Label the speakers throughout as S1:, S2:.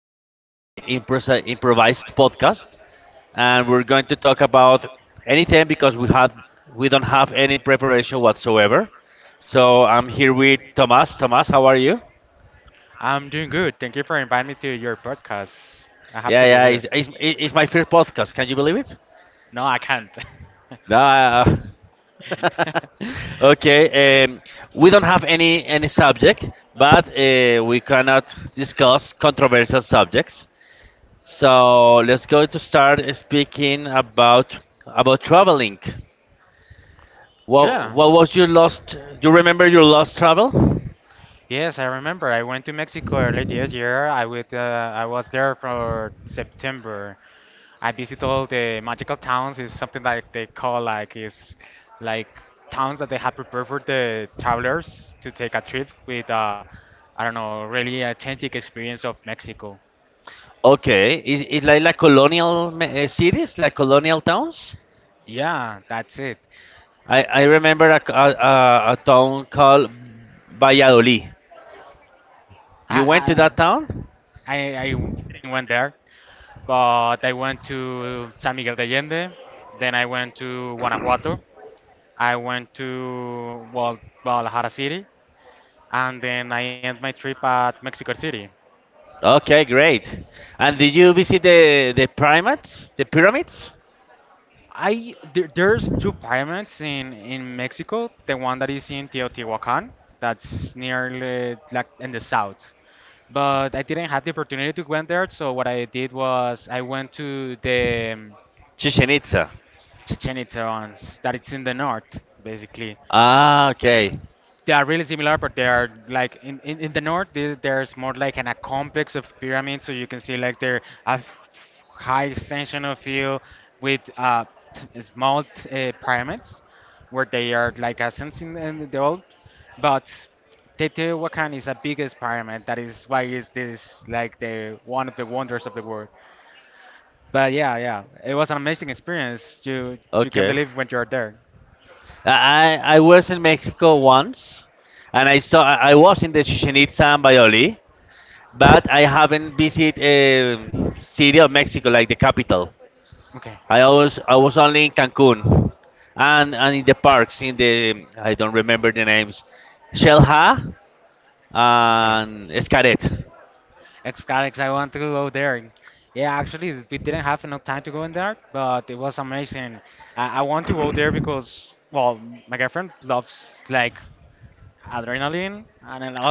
S1: this improvised podcast, and we're going to talk about anything because we don't have any preparation whatsoever. So I'm here with Thomas. Thomas, how are you? Yeah, yeah, it's my first podcast. Can you believe it? No. I- okay. We don't have any subject, but we cannot discuss controversial subjects. So let's go to start speaking about traveling. What was your last? You remember your last travel? Okay, is it like colonial cities, like colonial towns? I remember a, c- a town called Valladolid. You went to that town? Okay, great. And did you visit the pyramids? The pyramids? Chichen Itza. Okay, okay. I was in Mexico once, and I was in the Chichen Itza and Bayoli, but I haven't visited city of Mexico like the capital. I was only in Cancun, and in the parks in the I don't remember the names, Shelha and Escaret.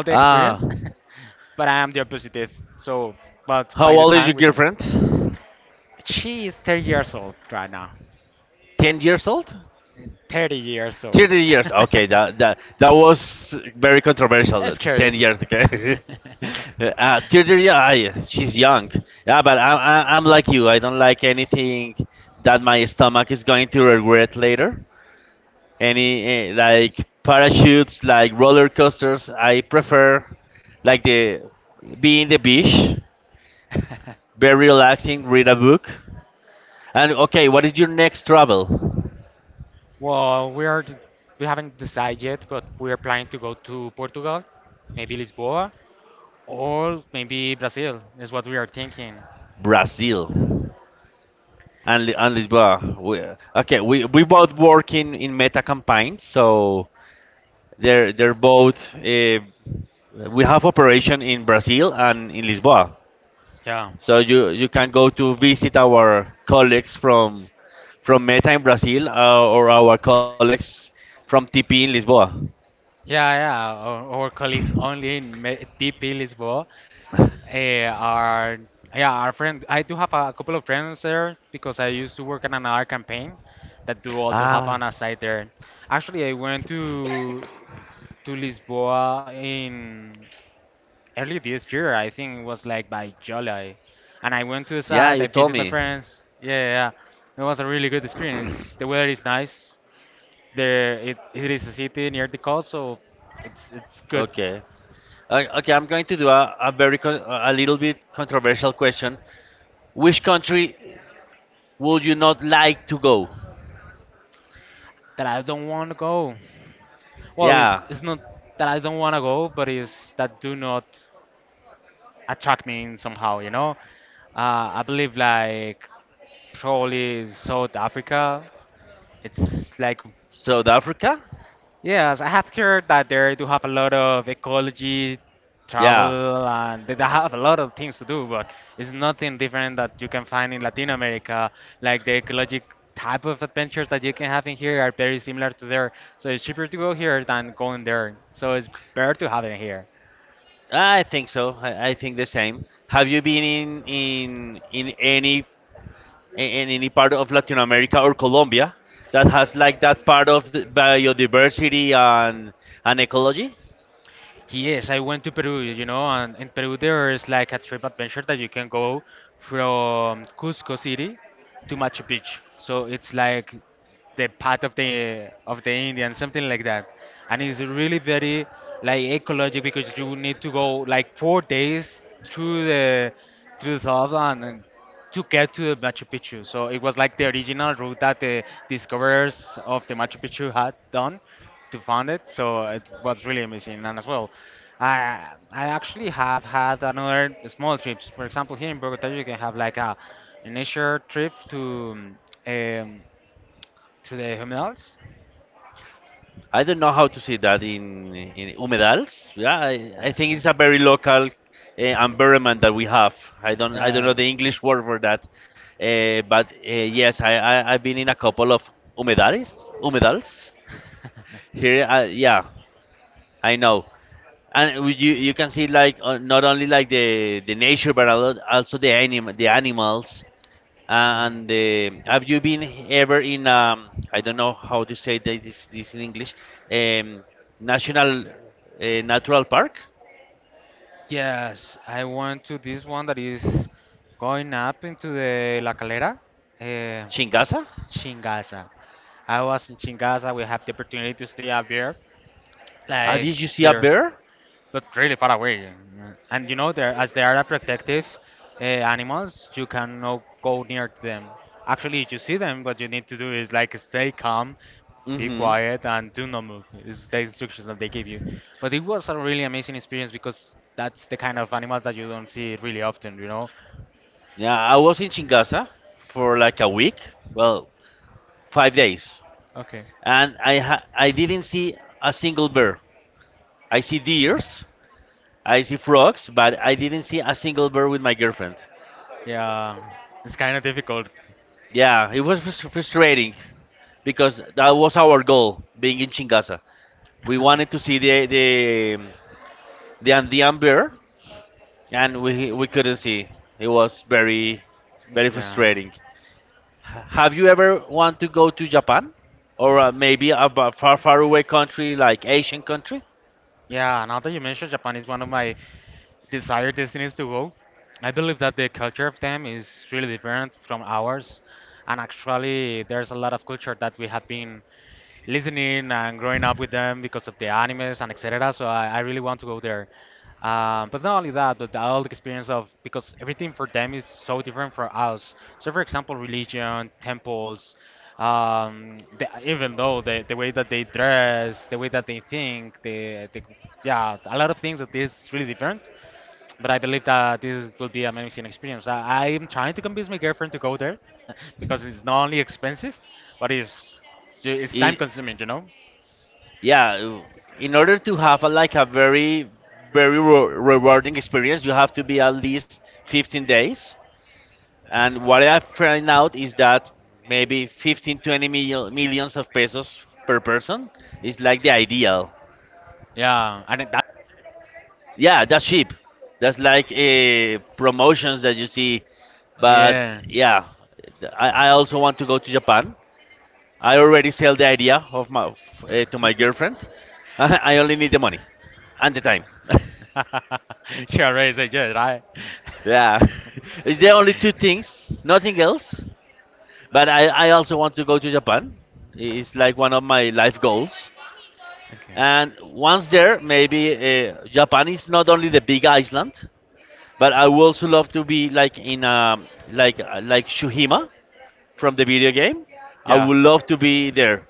S1: Ah, how old is your girlfriend? 10 years old? 30 years. Okay, that was very controversial. That 10 years. Okay. 30 Yeah, she's young. Yeah, but I'm like you. I don't like anything that my stomach is going to regret later. Any like parachutes, like roller coasters. I prefer like the be in the beach, very relaxing, read a book. And okay, what is your next travel? Brazil and Lisboa. Okay, we both work in meta campaigns, so they're both. We have operation in Brazil and in Lisboa, so you can go to visit our colleagues from Meta in Brazil, or our colleagues from TP in Lisboa. ah, yeah, you told me. Okay. Okay, I'm going to do a little bit controversial question. Which country would you not like to go? Yeah. South Africa? Yeah. I think so. I think the same. Have you been in any part of Latin America or Colombia that has like that part of the biodiversity and ecology? I don't know how to say that in humedals. Yeah, I think it's a very local environment that we have. I don't know the English word for that, but yes, I've been in a couple of humedales humedals. Here, yeah, I know, and you can see like not only like the nature, but a lot, also the animals. And have you been ever in, I don't know how to say this in English, um, national natural park, Chingasa? Did you see a bear? Mm-hmm. Yeah, I was in Chingasa for like a week, well, 5 days, and I didn't see a single bear. I see deers, I see frogs, but I didn't see a single bird with my girlfriend. Yeah, it was frustrating because that was our goal being in Chingasa. We wanted to see the Andean bear, and we couldn't see. It was very very frustrating. Have you ever want to go to Japan or maybe far far away country like Asian country? I Yeah, in order to have like a very, very rewarding experience, you have to be at least 15 days. And what I find out is that maybe 15, 20 millions of pesos per person is like the ideal. Yeah, that's cheap. That's like promotions that you see. But
S2: Yeah.
S1: yeah, I also want to go to Japan. I already sell the idea of to my girlfriend. I only need the money and the time.
S2: Sure, already said yes, right?
S1: Yeah, it's the only two things, nothing else. But I also want to go to Japan. It's like one of my life goals.
S2: Okay.
S1: And once there, maybe Japan is not only the big island, but I would also love to be like in like Shuhima from the video game. I
S2: Yeah.
S1: would love to be there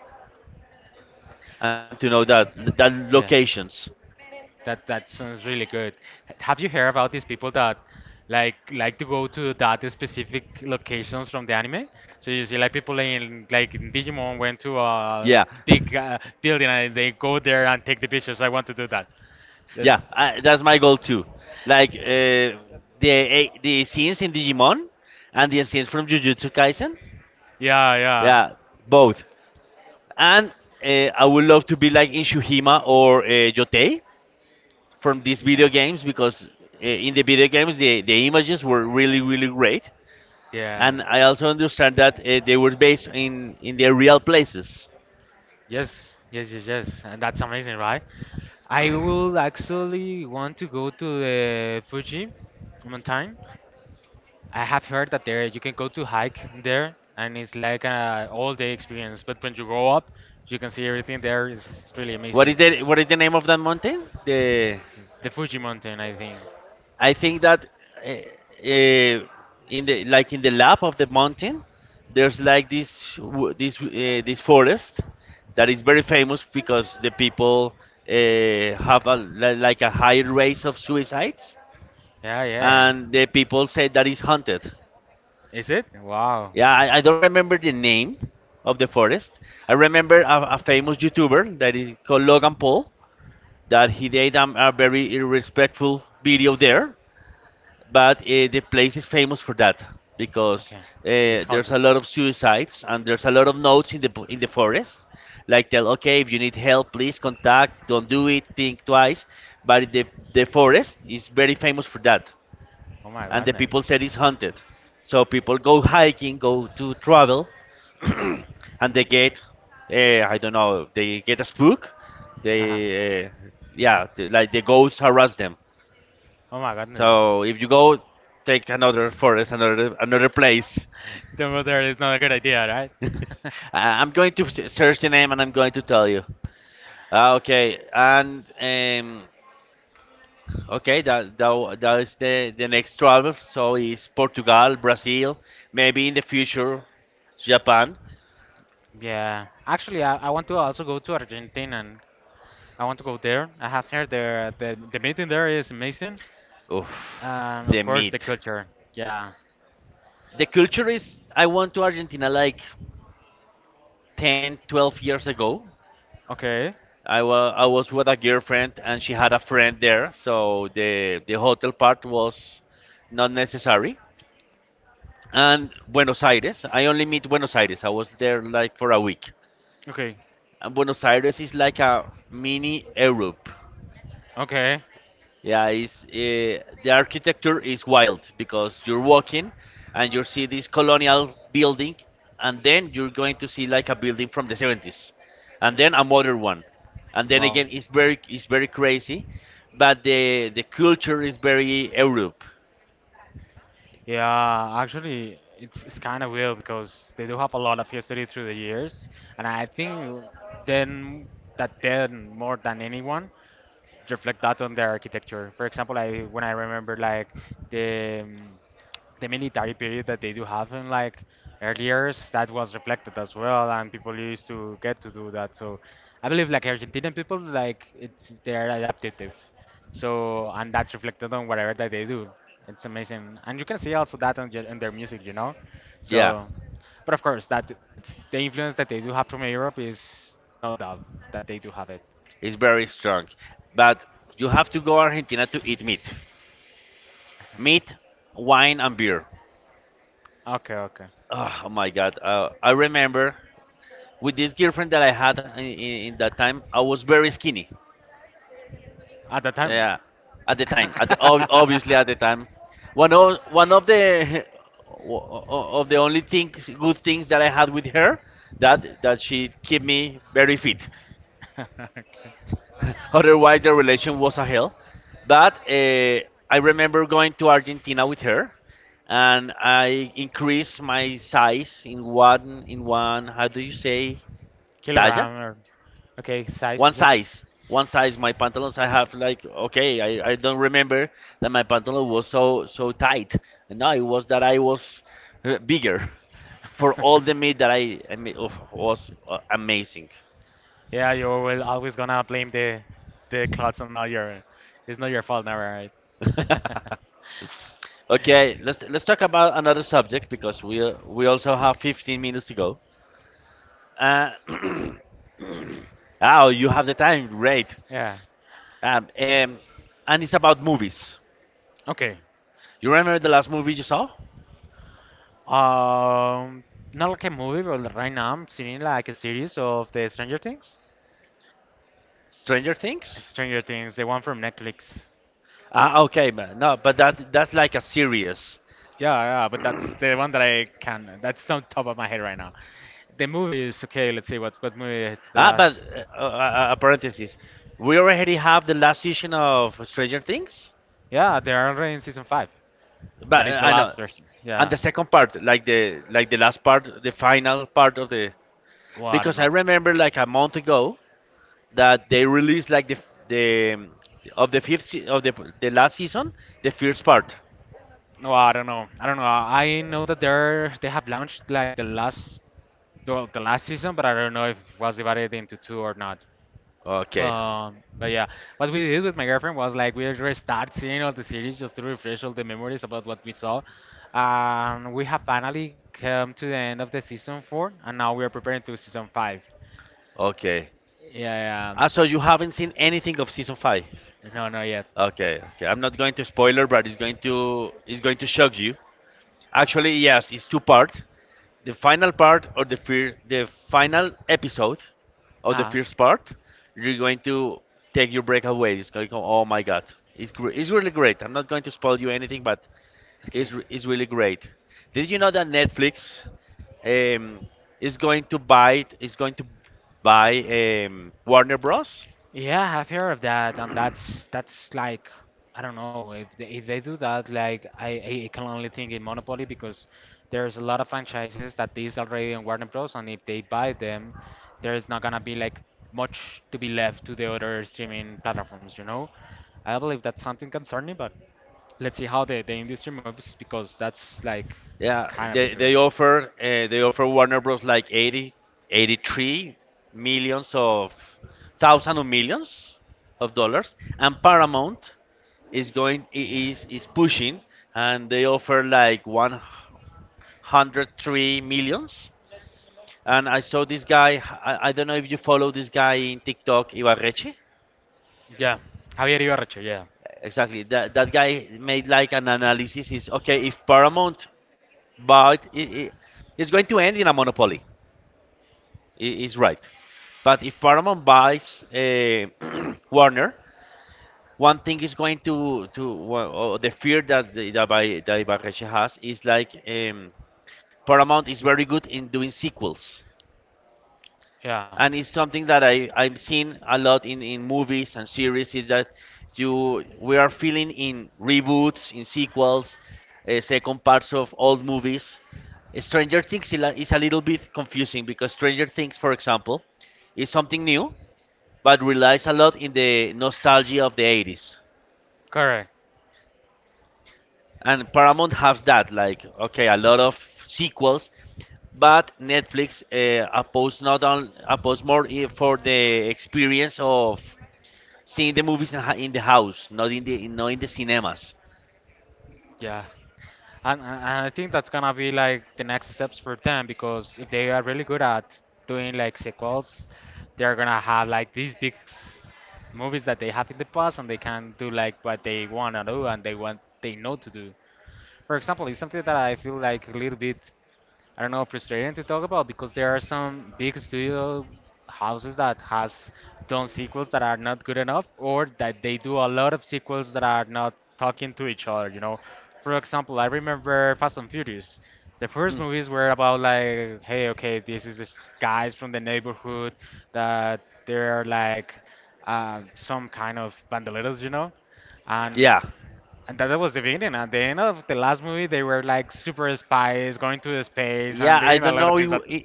S1: and to know that
S2: Yeah.
S1: locations.
S2: That sounds really good. Have you heard about these people that like to go to that specific locations from the anime? So you see like people in like in Digimon went to
S1: Yeah.
S2: a big building and they go there and take the pictures. I want to do that. That
S1: Yeah, that's my goal too. Like the scenes in Digimon and the scenes from Jujutsu Kaisen.
S2: yeah, yeah.
S1: Yeah, both. And uh, I would love to be like in Shuhima or Yotei from these video
S2: Yeah.
S1: games because in the video games the images were really really great.
S2: Yeah.
S1: And I also understand that they were based in their real places.
S2: Yes, yes, yes, yes. And that's amazing, right? I will actually want to go to the Fuji mountain. I have heard that there you can go to hike there, and it's like an all-day experience. But when you go up, you can see everything there. It's really amazing.
S1: What is the name of that mountain? The
S2: The Fuji Mountain, I think.
S1: I think that uh, uh, in the like in the lap of the mountain, there's like this w- this this forest that is very famous because the people have like a high rate of suicides,
S2: Yeah, yeah.
S1: and the people say that it's haunted.
S2: Is it? Wow.
S1: Yeah, I don't remember the name of the forest. I remember a famous YouTuber that is called Logan Paul that he did a very irrespectful video there, but the place is famous for that because
S2: Okay. It's
S1: there's
S2: haunted.
S1: a lot of suicides and there's a lot of notes in the forest, like, tell okay, if you need help please contact, don't do it, think twice. But the forest is very famous for that,
S2: Oh my
S1: and the
S2: goodness.
S1: people said it's haunted. So people go hiking, go to travel, and they get, I don't know, they get a spook. They,
S2: Uh-huh.
S1: yeah, they, like, the ghosts harass them.
S2: Oh my goodness.
S1: So if you go, take another forest, another place.
S2: The mother is not a good idea, right?
S1: uh, I'm going to search the name and I'm going to tell you. Okay, and that is the next travel. So is Portugal, Brazil, maybe in the future, Japan.
S2: Yeah, actually, I want to also go to Argentina, and I want to go there. I have heard the the meeting there is amazing,
S1: Oof,
S2: and
S1: the
S2: of course the
S1: meat.
S2: culture. Yeah.
S1: The culture is I went to Argentina like 10, 12 years ago.
S2: Okay.
S1: I was with a girlfriend and she had a friend there, so the hotel part was not necessary. And Buenos Aires, I only meet Buenos Aires. I was there like for a week.
S2: Okay.
S1: And Buenos Aires is like a mini Europe.
S2: Okay.
S1: Yeah, the architecture is wild because you're walking and you see this colonial building, and then you're going to see like a building from the 70s, and then a modern one, and then
S2: Well.
S1: again it's very crazy, but the culture is very Europe.
S2: Yeah, actually, it's kind of weird because they do have a lot of history through the years, and I think then that then more than anyone reflect that on their architecture. For example, I when I remember like the um, the military period that they do have in like earlier years, that was reflected as well, and people used to get to do that. So I believe like Argentinian people, like it's they're adaptive. So and that's reflected on whatever that they do. It's amazing, and you can see also that on, on their music, you know.
S1: Yeah,
S2: So, but of course, that that's the influence that they do have from Europe is no doubt that they do have it.
S1: it's very strong, but you have to go Argentina to eat meat, meat, wine and beer.
S2: Okay, okay.
S1: Oh my God, I remember, with this girlfriend that I had in that time, I was very skinny.
S2: At the time.
S1: Yeah, at the time, obviously at the time, one of the o- o- of the only thing good things that I had with her, that she kept me very fit.
S2: Okay.
S1: Otherwise, the relation was a hell. But I remember going to Argentina with her, and I increased my size in one. How do you say? Talla,
S2: Kilogram. Okay, size,
S1: one
S2: yes.
S1: size one size, my pantaloons. I have, like, okay, I don't remember that my pantalon was so so tight. No, it was that I was bigger for all the meat that I mean, oof, was amazing.
S2: Yeah, you will always gonna blame the clothes on not your. It's not your fault, never, right?
S1: Okay, let's talk about another subject because we also have 15 minutes to go. uh, oh, you have the time, great.
S2: Yeah.
S1: um, um, and it's about movies.
S2: Okay.
S1: You remember the last movie you saw?
S2: Um, Not like a movie, but right now I'm seeing like a series of the Stranger Things.
S1: Stranger Things.
S2: Stranger Things, the one from Netflix.
S1: Ah, okay, but no, but that's like a series.
S2: Yeah, yeah, but that's the one that I can. That's on top of my head right now. The movie is okay. Let's see what movie is the
S1: Ah, but
S2: last.
S1: a parenthesis. We already have the last season of Stranger Things,
S2: Yeah, they're already in season five. That
S1: but
S2: is the
S1: I know,
S2: last person.
S1: and
S2: Yeah.
S1: the second part, like the last part, the final part of the.
S2: Well, I don't
S1: Because I
S2: know.
S1: remember like a month ago that they released like the of the fifth se- of the last season, the first part.
S2: No, I don't know. I don't know. I know that they're they have launched like the last well, the last season, but I don't know if it was divided into two or not.
S1: Okay,
S2: But but yeah, what we did with my girlfriend was like we restart seeing all the series just to refresh all the memories about what we saw. And we have finally come to the end of the season four, and now we are preparing to season five.
S1: okay.
S2: Yeah, yeah.
S1: Ah, so you haven't seen anything of season five?
S2: No, not yet.
S1: Okay, okay. I'm not going to spoiler, but it's going to shock you. Actually, yes, it's two part. The final part or the final episode of the
S2: Ah,
S1: first part, you're going to take your break away. It's going to go, oh my god, it's really great. I'm not going to spoil you anything, but it's
S2: okay.
S1: re- it's really great. Did you know that Netflix um, is going to buy Warner Bros.?
S2: Yeah, I've heard of that, and that's like I don't know if they do that. Like I can only think in Monopoly because there's a lot of franchises that is already on Warner Bros. And if they buy them, there's not gonna be like much to be left to the other streaming platforms. You know, I believe that's something concerning, but let's see how the industry moves because that's like
S1: Yeah,
S2: kind of
S1: they
S2: different.
S1: they offer uh, they offer Warner Bros. Like 80, 83 millions of thousand of millions of dollars, and Paramount is going is pushing, and they offer like 103 millions. And I saw this guy. I don't know if you follow this guy in TikTok, Ibarreche.
S2: Yeah, Javier Ibarreche, yeah.
S1: Exactly. That guy made like an analysis. Is okay if Paramount bought it, it's going to end in a monopoly. Is right. But if Paramount buys Warner, one thing is going to well, oh, the fear that that Ibarreche has is like Paramount is very good in doing sequels
S2: Yeah.
S1: and it's something that I've seen a lot in movies and series is that you we are feeling in reboots, in sequels, second parts of old movies. Stranger Things is a little bit confusing because Stranger Things, for example, is something new but relies a lot in the nostalgia of the 80s.
S2: Correct.
S1: And Paramount has that, like, okay, a lot of sequels, but Netflix appeals not on appeals more for the experience of seeing the movies in, in the house, not in the not in the cinemas.
S2: Yeah. And I think that's gonna be like the next steps for them because if they are really good at doing like sequels, they're gonna have like these movies that they have in the past and they can do like what they wanna do and they want they know to do. For example, it's something that I feel like a little bit I don't know, frustrating to talk about because there are some big studio houses that has done sequels that are not good enough or that they do a lot of sequels that are not talking to each other, you know. For example, I remember Fast and Furious. The first
S1: Mm,
S2: movies were about like, hey, okay, this is this guys from the neighborhood that they're like some kind of bandoleros, you know, and
S1: yeah,
S2: and that was the beginning. At the end of the last movie, they were like super spies going to the space and
S1: yeah. I
S2: doing a
S1: don't
S2: lot of
S1: know
S2: things
S1: in,
S2: that.
S1: in,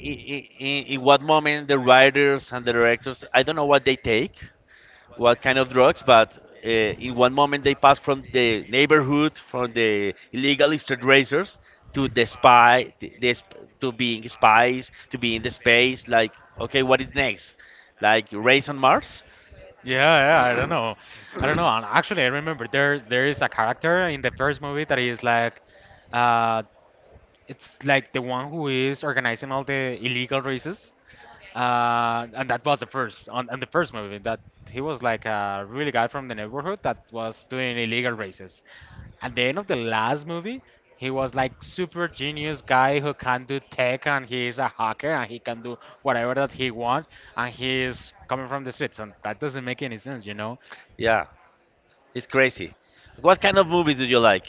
S1: in, in what moment the writers and the directors. I don't know what they take, what kind of drugs, but in one moment they pass from the neighborhood, from the illegal street racers to the spy, to being spies, to being the space. Like, okay, what is next? Like race on Mars?
S2: Yeah, yeah, I don't know, I don't know. And actually, I remember there is a character in the first movie that is like, uh, it's like the one who is organizing all the illegal races. And that was the first on the first movie that he was like a really guy from the neighborhood that was doing illegal races. At the end of the last movie, he was like super genius guy who can do tech and he is a hacker and he can do whatever that he wants and he is coming from the streets and that doesn't make any sense, you know.
S1: Yeah, it's crazy. What kind of movies do you like?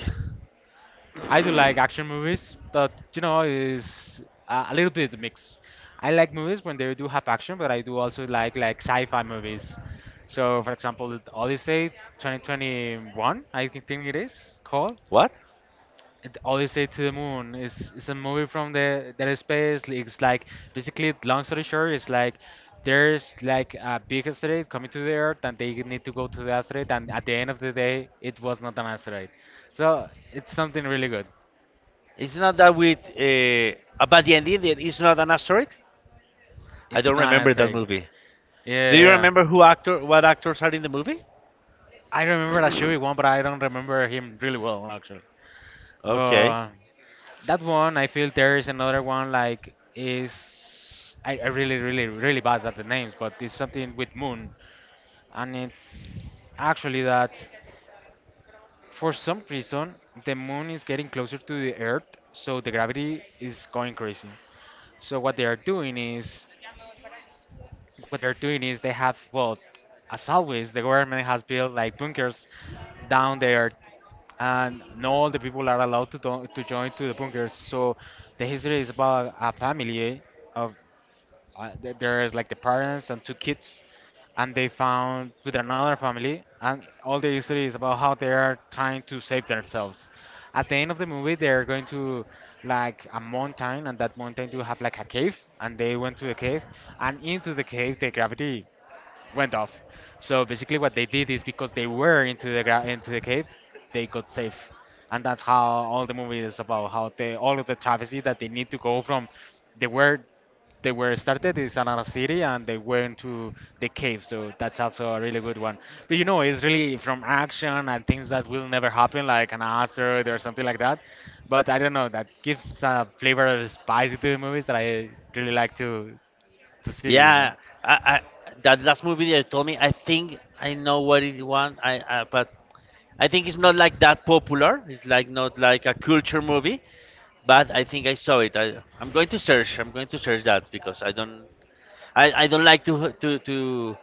S2: I do like action movies that you know is a little bit mixed. I like movies when they do have action, but I do also like sci-fi movies. So, for example, the Odyssey 2021, I think it is called.
S1: What?
S2: And Odyssey to the Moon is a movie from the that space. It's like basically, long story short, it's like there's like a big asteroid coming to the Earth, and they need to go to the asteroid. And at the end of the day, it was not an asteroid. So it's something really good.
S1: It's not that with about the ending. That It's not an asteroid. I
S2: It's
S1: don't
S2: not an
S1: remember that
S2: asteroid.
S1: movie.
S2: Yeah,
S1: Do you
S2: yeah,
S1: remember
S2: yeah.
S1: who actor, what actors are in the movie?
S2: I remember that Chewie one, but I don't remember him really well actually.
S1: Okay.
S2: But that one, I feel there is another one like is I really really really bad at the names, but it's something with Moon. And it's actually that for some reason the moon is getting closer to the earth, so the gravity is going crazy. So what they are doing is what they are doing is they have well as always the government has built like bunkers down there, and not all the people are allowed to to join to the bunkers. So the history is about a family of there is like the parents and two kids, and they found with another family and all the history is about how they are trying to save themselves. At the end of the movie they're going to like a mountain and that mountain do have like a cave and they went to the cave, and into the cave the gravity went off. So basically what they did is because they were into the into the cave they got safe. And that's how all the movie is about how they all of the travesty that they need to go from they were they were started is another city and they went to the cave. So that's also a really good one, but you know it's really from action and things that will never happen like an asteroid or something like that. But I don't know that gives a flavor of spicy to the movies that I really like to see you know.
S1: Yeah, I that last movie that you told me. I think I know what it was. I but I think it's not like that popular. It's like not like a culture movie. But I think I saw it. I'm going to search. I'm going to search that because I don't like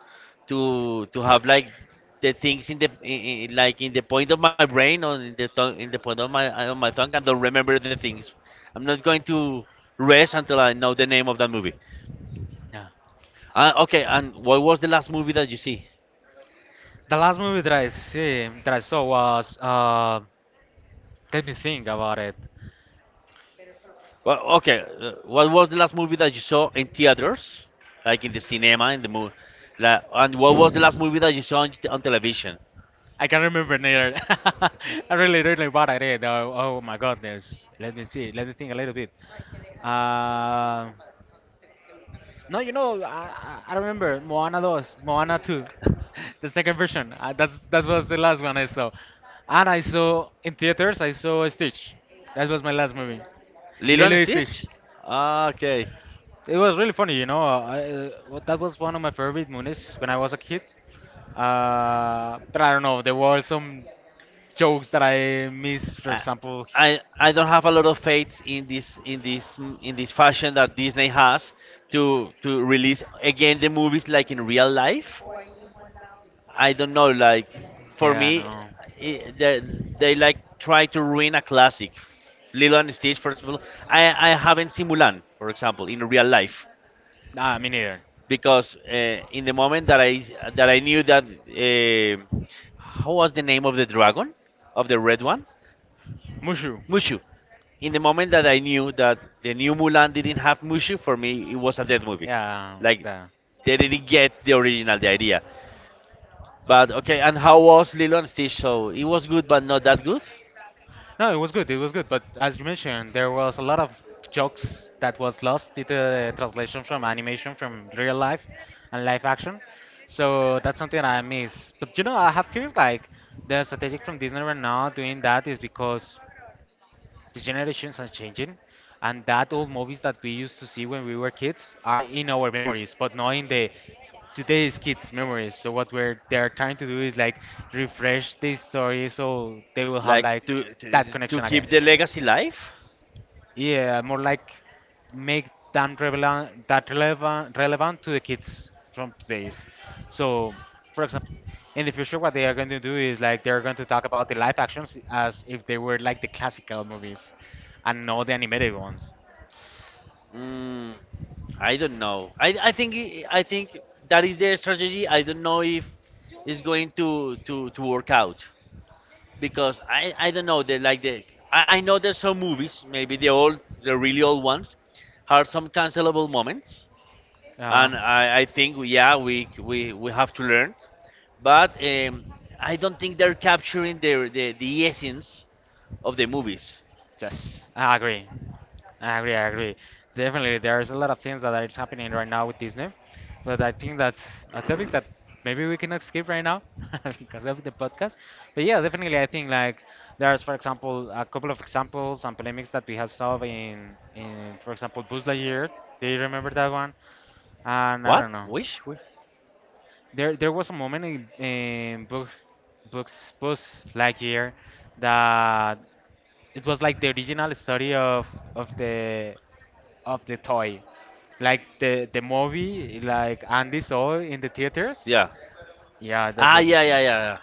S1: to to have like the things in the like in the point of my brain or in the tongue in the point of my on my tongue I don't remember the things. I'm not going to rest until I know the name of that movie.
S2: Yeah.
S1: Okay, and what was the last movie that you see?
S2: The last movie that I see that I saw was let me think about it.
S1: Well, okay, what was the last movie that you saw in theaters, like in the cinema, in the movie? And what was the last movie that you saw on television?
S2: I can't remember neither. I really don't know what. Oh, oh my goodness. Let me see. Let me think a little bit. Um No, you know, I remember Moana 2, Moana 2, the second version. That's that was the last one I saw, and I saw in theaters. I saw Stitch. That was my last movie,
S1: Lilo
S2: Lilo
S1: and
S2: and Stitch.
S1: Stitch? Ah, okay.
S2: It was really funny, you know. Well, that was one of my favorite movies when I was a kid. But I don't know. There were some jokes that I missed. For
S1: Uh,
S2: example,
S1: I don't have a lot of faith in this in this fashion that Disney has to release again the movies like in real life. I don't know. Like for
S2: yeah,
S1: me,
S2: no,
S1: I they like try to ruin a classic. Lilo and Stitch, for example. I I haven't seen Mulan, for example, in real life
S2: nah, me neither.
S1: because in the moment that I knew that how was the name of the dragon of the red one?
S2: Mushu.
S1: Mushu. In the moment that I knew that the new Mulan didn't have Mushu, for me it was a dead movie.
S2: Yeah,
S1: Like
S2: that.
S1: they didn't get the original, the idea. But okay, and how was Lilo and Stitch? So it was good, but not that good.
S2: No, it was good. It was good. But as you mentioned, there was a lot of jokes that was lost due to the translation from animation from real life and live action. So that's something I miss. But you know, I have heard like the strategic from Disney right now doing that is because the generations are changing, and that old movies that we used to see when we were kids are in our memories, but not in the today's kids' memories. So what we're they're trying to do is like refresh this story so they will have
S1: Like
S2: like
S1: to
S2: that
S1: to, to
S2: connection again.
S1: keep the legacy alive.
S2: Yeah, more like make them relevant, that relevant, relevant to the kids from today's. So, for example, in the future, what they are going to do is like they're going to talk about the live actions as if they were like the classical movies and not the animated ones.
S1: Mm, I don't know. I think that is their strategy. I don't know if it's going to work out. Because I don't know they like the I know there's some movies maybe the old the really old ones have some cancelable moments
S2: Uh,
S1: and I think yeah we have to learn but I don't think they're capturing the essence of the movies
S2: yes, I agree. I agree. Definitely, there's a lot of things that are happening right now with Disney, but I think that's a topic that maybe we cannot skip right now because of the podcast. But yeah, definitely, I think like there's, for example, a couple of examples and polemics that we have solved in for example, Buzz Lightyear. Do you remember that one? And I don't
S1: what
S2: know.
S1: wish Wi-
S2: There was a moment in books, Buzz Lightyear that it was like the original story of of the the toy, like the movie, like Andy saw in the theaters.
S1: yeah
S2: Yeah, that
S1: ah
S2: was the
S1: yeah
S2: same.
S1: yeah yeah yeah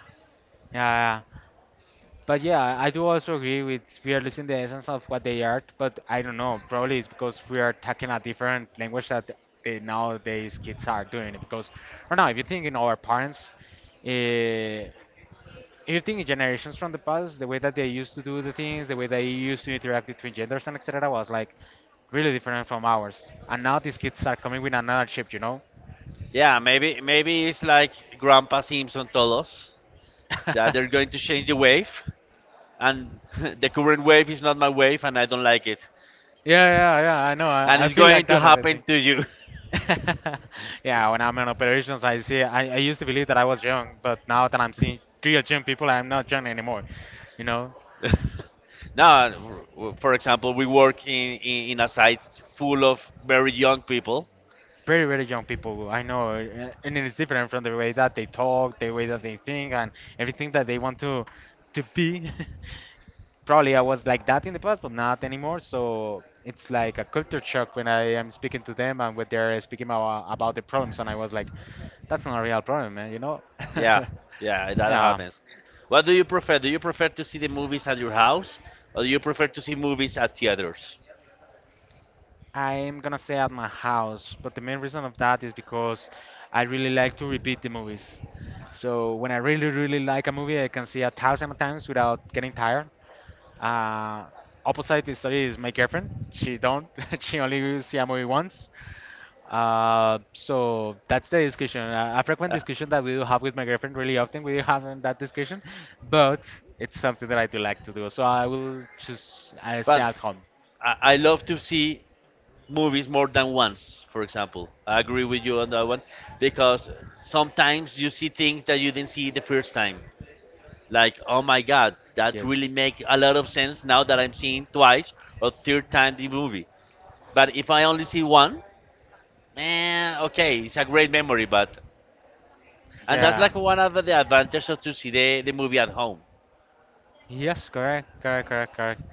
S2: Yeah, but yeah, I do also agree with we are losing the essence of what they are, but I don't know. Probably it's because we are talking a different language that the nowadays kids are doing. Because right now, if you think in our parents, uh, if you think in generations from the past, the way that they used to do the things, the way they used to interact between genders and etc. was like really different from ours. And now these kids are coming with another chip, you know?
S1: yeah maybe it's like Grandpa Simpson told us
S2: yeah,
S1: that they're going to change the wave and the current wave is not my wave and I don't like it
S2: yeah, yeah, I know.
S1: and
S2: I
S1: it's
S2: feel
S1: going
S2: like
S1: to
S2: that. And I
S1: happen
S2: think-
S1: to you.
S2: yeah, when I'm in operations, I used to believe that I was young, but now that I'm seeing real young people, I'm not young anymore, you know?
S1: Now, for example, we work in a site full of very young people.
S2: Very, very young people, I know. And it's different from the way that they talk, the way that they think, and everything that they want to be. Probably I was like that in the past, but not anymore. So it's like a culture shock when I am speaking to them and when they're speaking about the problems, and I was like, that's not a real problem, man, you know?
S1: Yeah, yeah, that
S2: Yeah,
S1: happens. What do you prefer? Do you prefer to see the movies at your house, or do you prefer to see movies at theaters?
S2: I'm gonna say at my house, but the main reason of that is because I really like to repeat the movies. So when I really, really like a movie, I can see a thousand times without getting tired. Uh, Opposite story is my girlfriend. She don't. She only see a movie once. So that's the discussion. A frequent
S1: Uh,
S2: discussion that we do have with my girlfriend really often. We have that discussion, but it's something that I do like to do. So I will just I stay
S1: but
S2: at home.
S1: I love to see movies more than once. For example, I agree with you on that one because sometimes you see things that you didn't see the first time. Like, oh my god, that really
S2: Yes.
S1: make a lot of sense now that I'm seeing twice or third time the movie. But if I only see one, man, okay, it's a great memory, but and that's
S2: Yeah.
S1: like one of the advantages of to see the movie at home.
S2: Yes, correct, correct, correct, correct.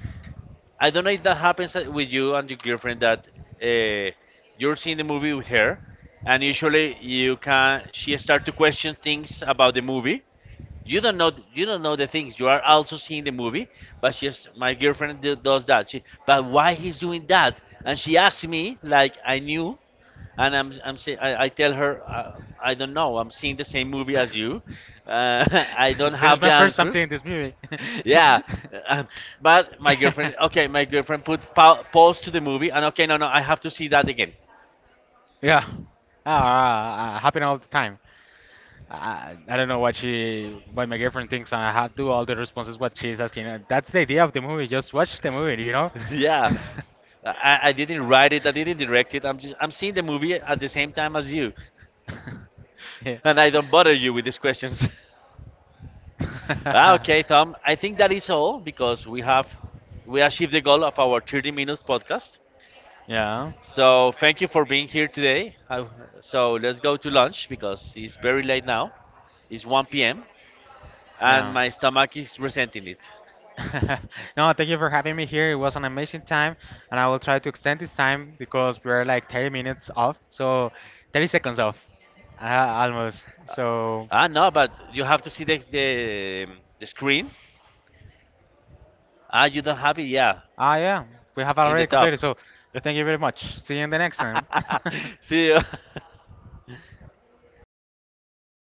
S1: I don't know if that happens with you and your girlfriend that uh, you're seeing the movie with her, and usually you can she start to question things about the movie. You don't know. You don't know the things. You are also seeing the movie, but she's my girlfriend does that. She, but why he's doing that? And she asked me like I knew, and I tell her I don't know. I'm seeing the same movie as you. Uh, I don't
S2: This is
S1: have
S2: my
S1: the
S2: first time
S1: answers.
S2: seeing this movie.
S1: Yeah, uh, but my girlfriend. Okay, my girlfriend put pause to the movie, and okay, no, no, I have to see that again.
S2: Yeah. Ah, happen all the time. I don't know what she, what my girlfriend thinks, and I have do all the responses what she's asking. That's the idea of the movie. Just watch the movie, you know.
S1: Yeah. I didn't write it. I didn't direct it. I'm seeing the movie at the same time as you.
S2: Yeah.
S1: And I don't bother you with these questions. Ah, okay, Tom. I think that is all because we achieved the goal of our 30 minutes podcast.
S2: Yeah.
S1: So thank you for being here today. So let's go to lunch because it's very late now. It's 1 p.m. and
S2: Yeah.
S1: my stomach is resenting it.
S2: No, thank you for having me here. It was an amazing time, and I will try to extend this time because we're like 30 minutes off, so 30 seconds off, almost. So,
S1: Ah, no, but you have to see the screen. Ah, you don't have it. Yeah,
S2: ah, yeah, we have
S1: in the
S2: already
S1: top.
S2: completed. So, thank you very much. See you in the next time.
S1: See you.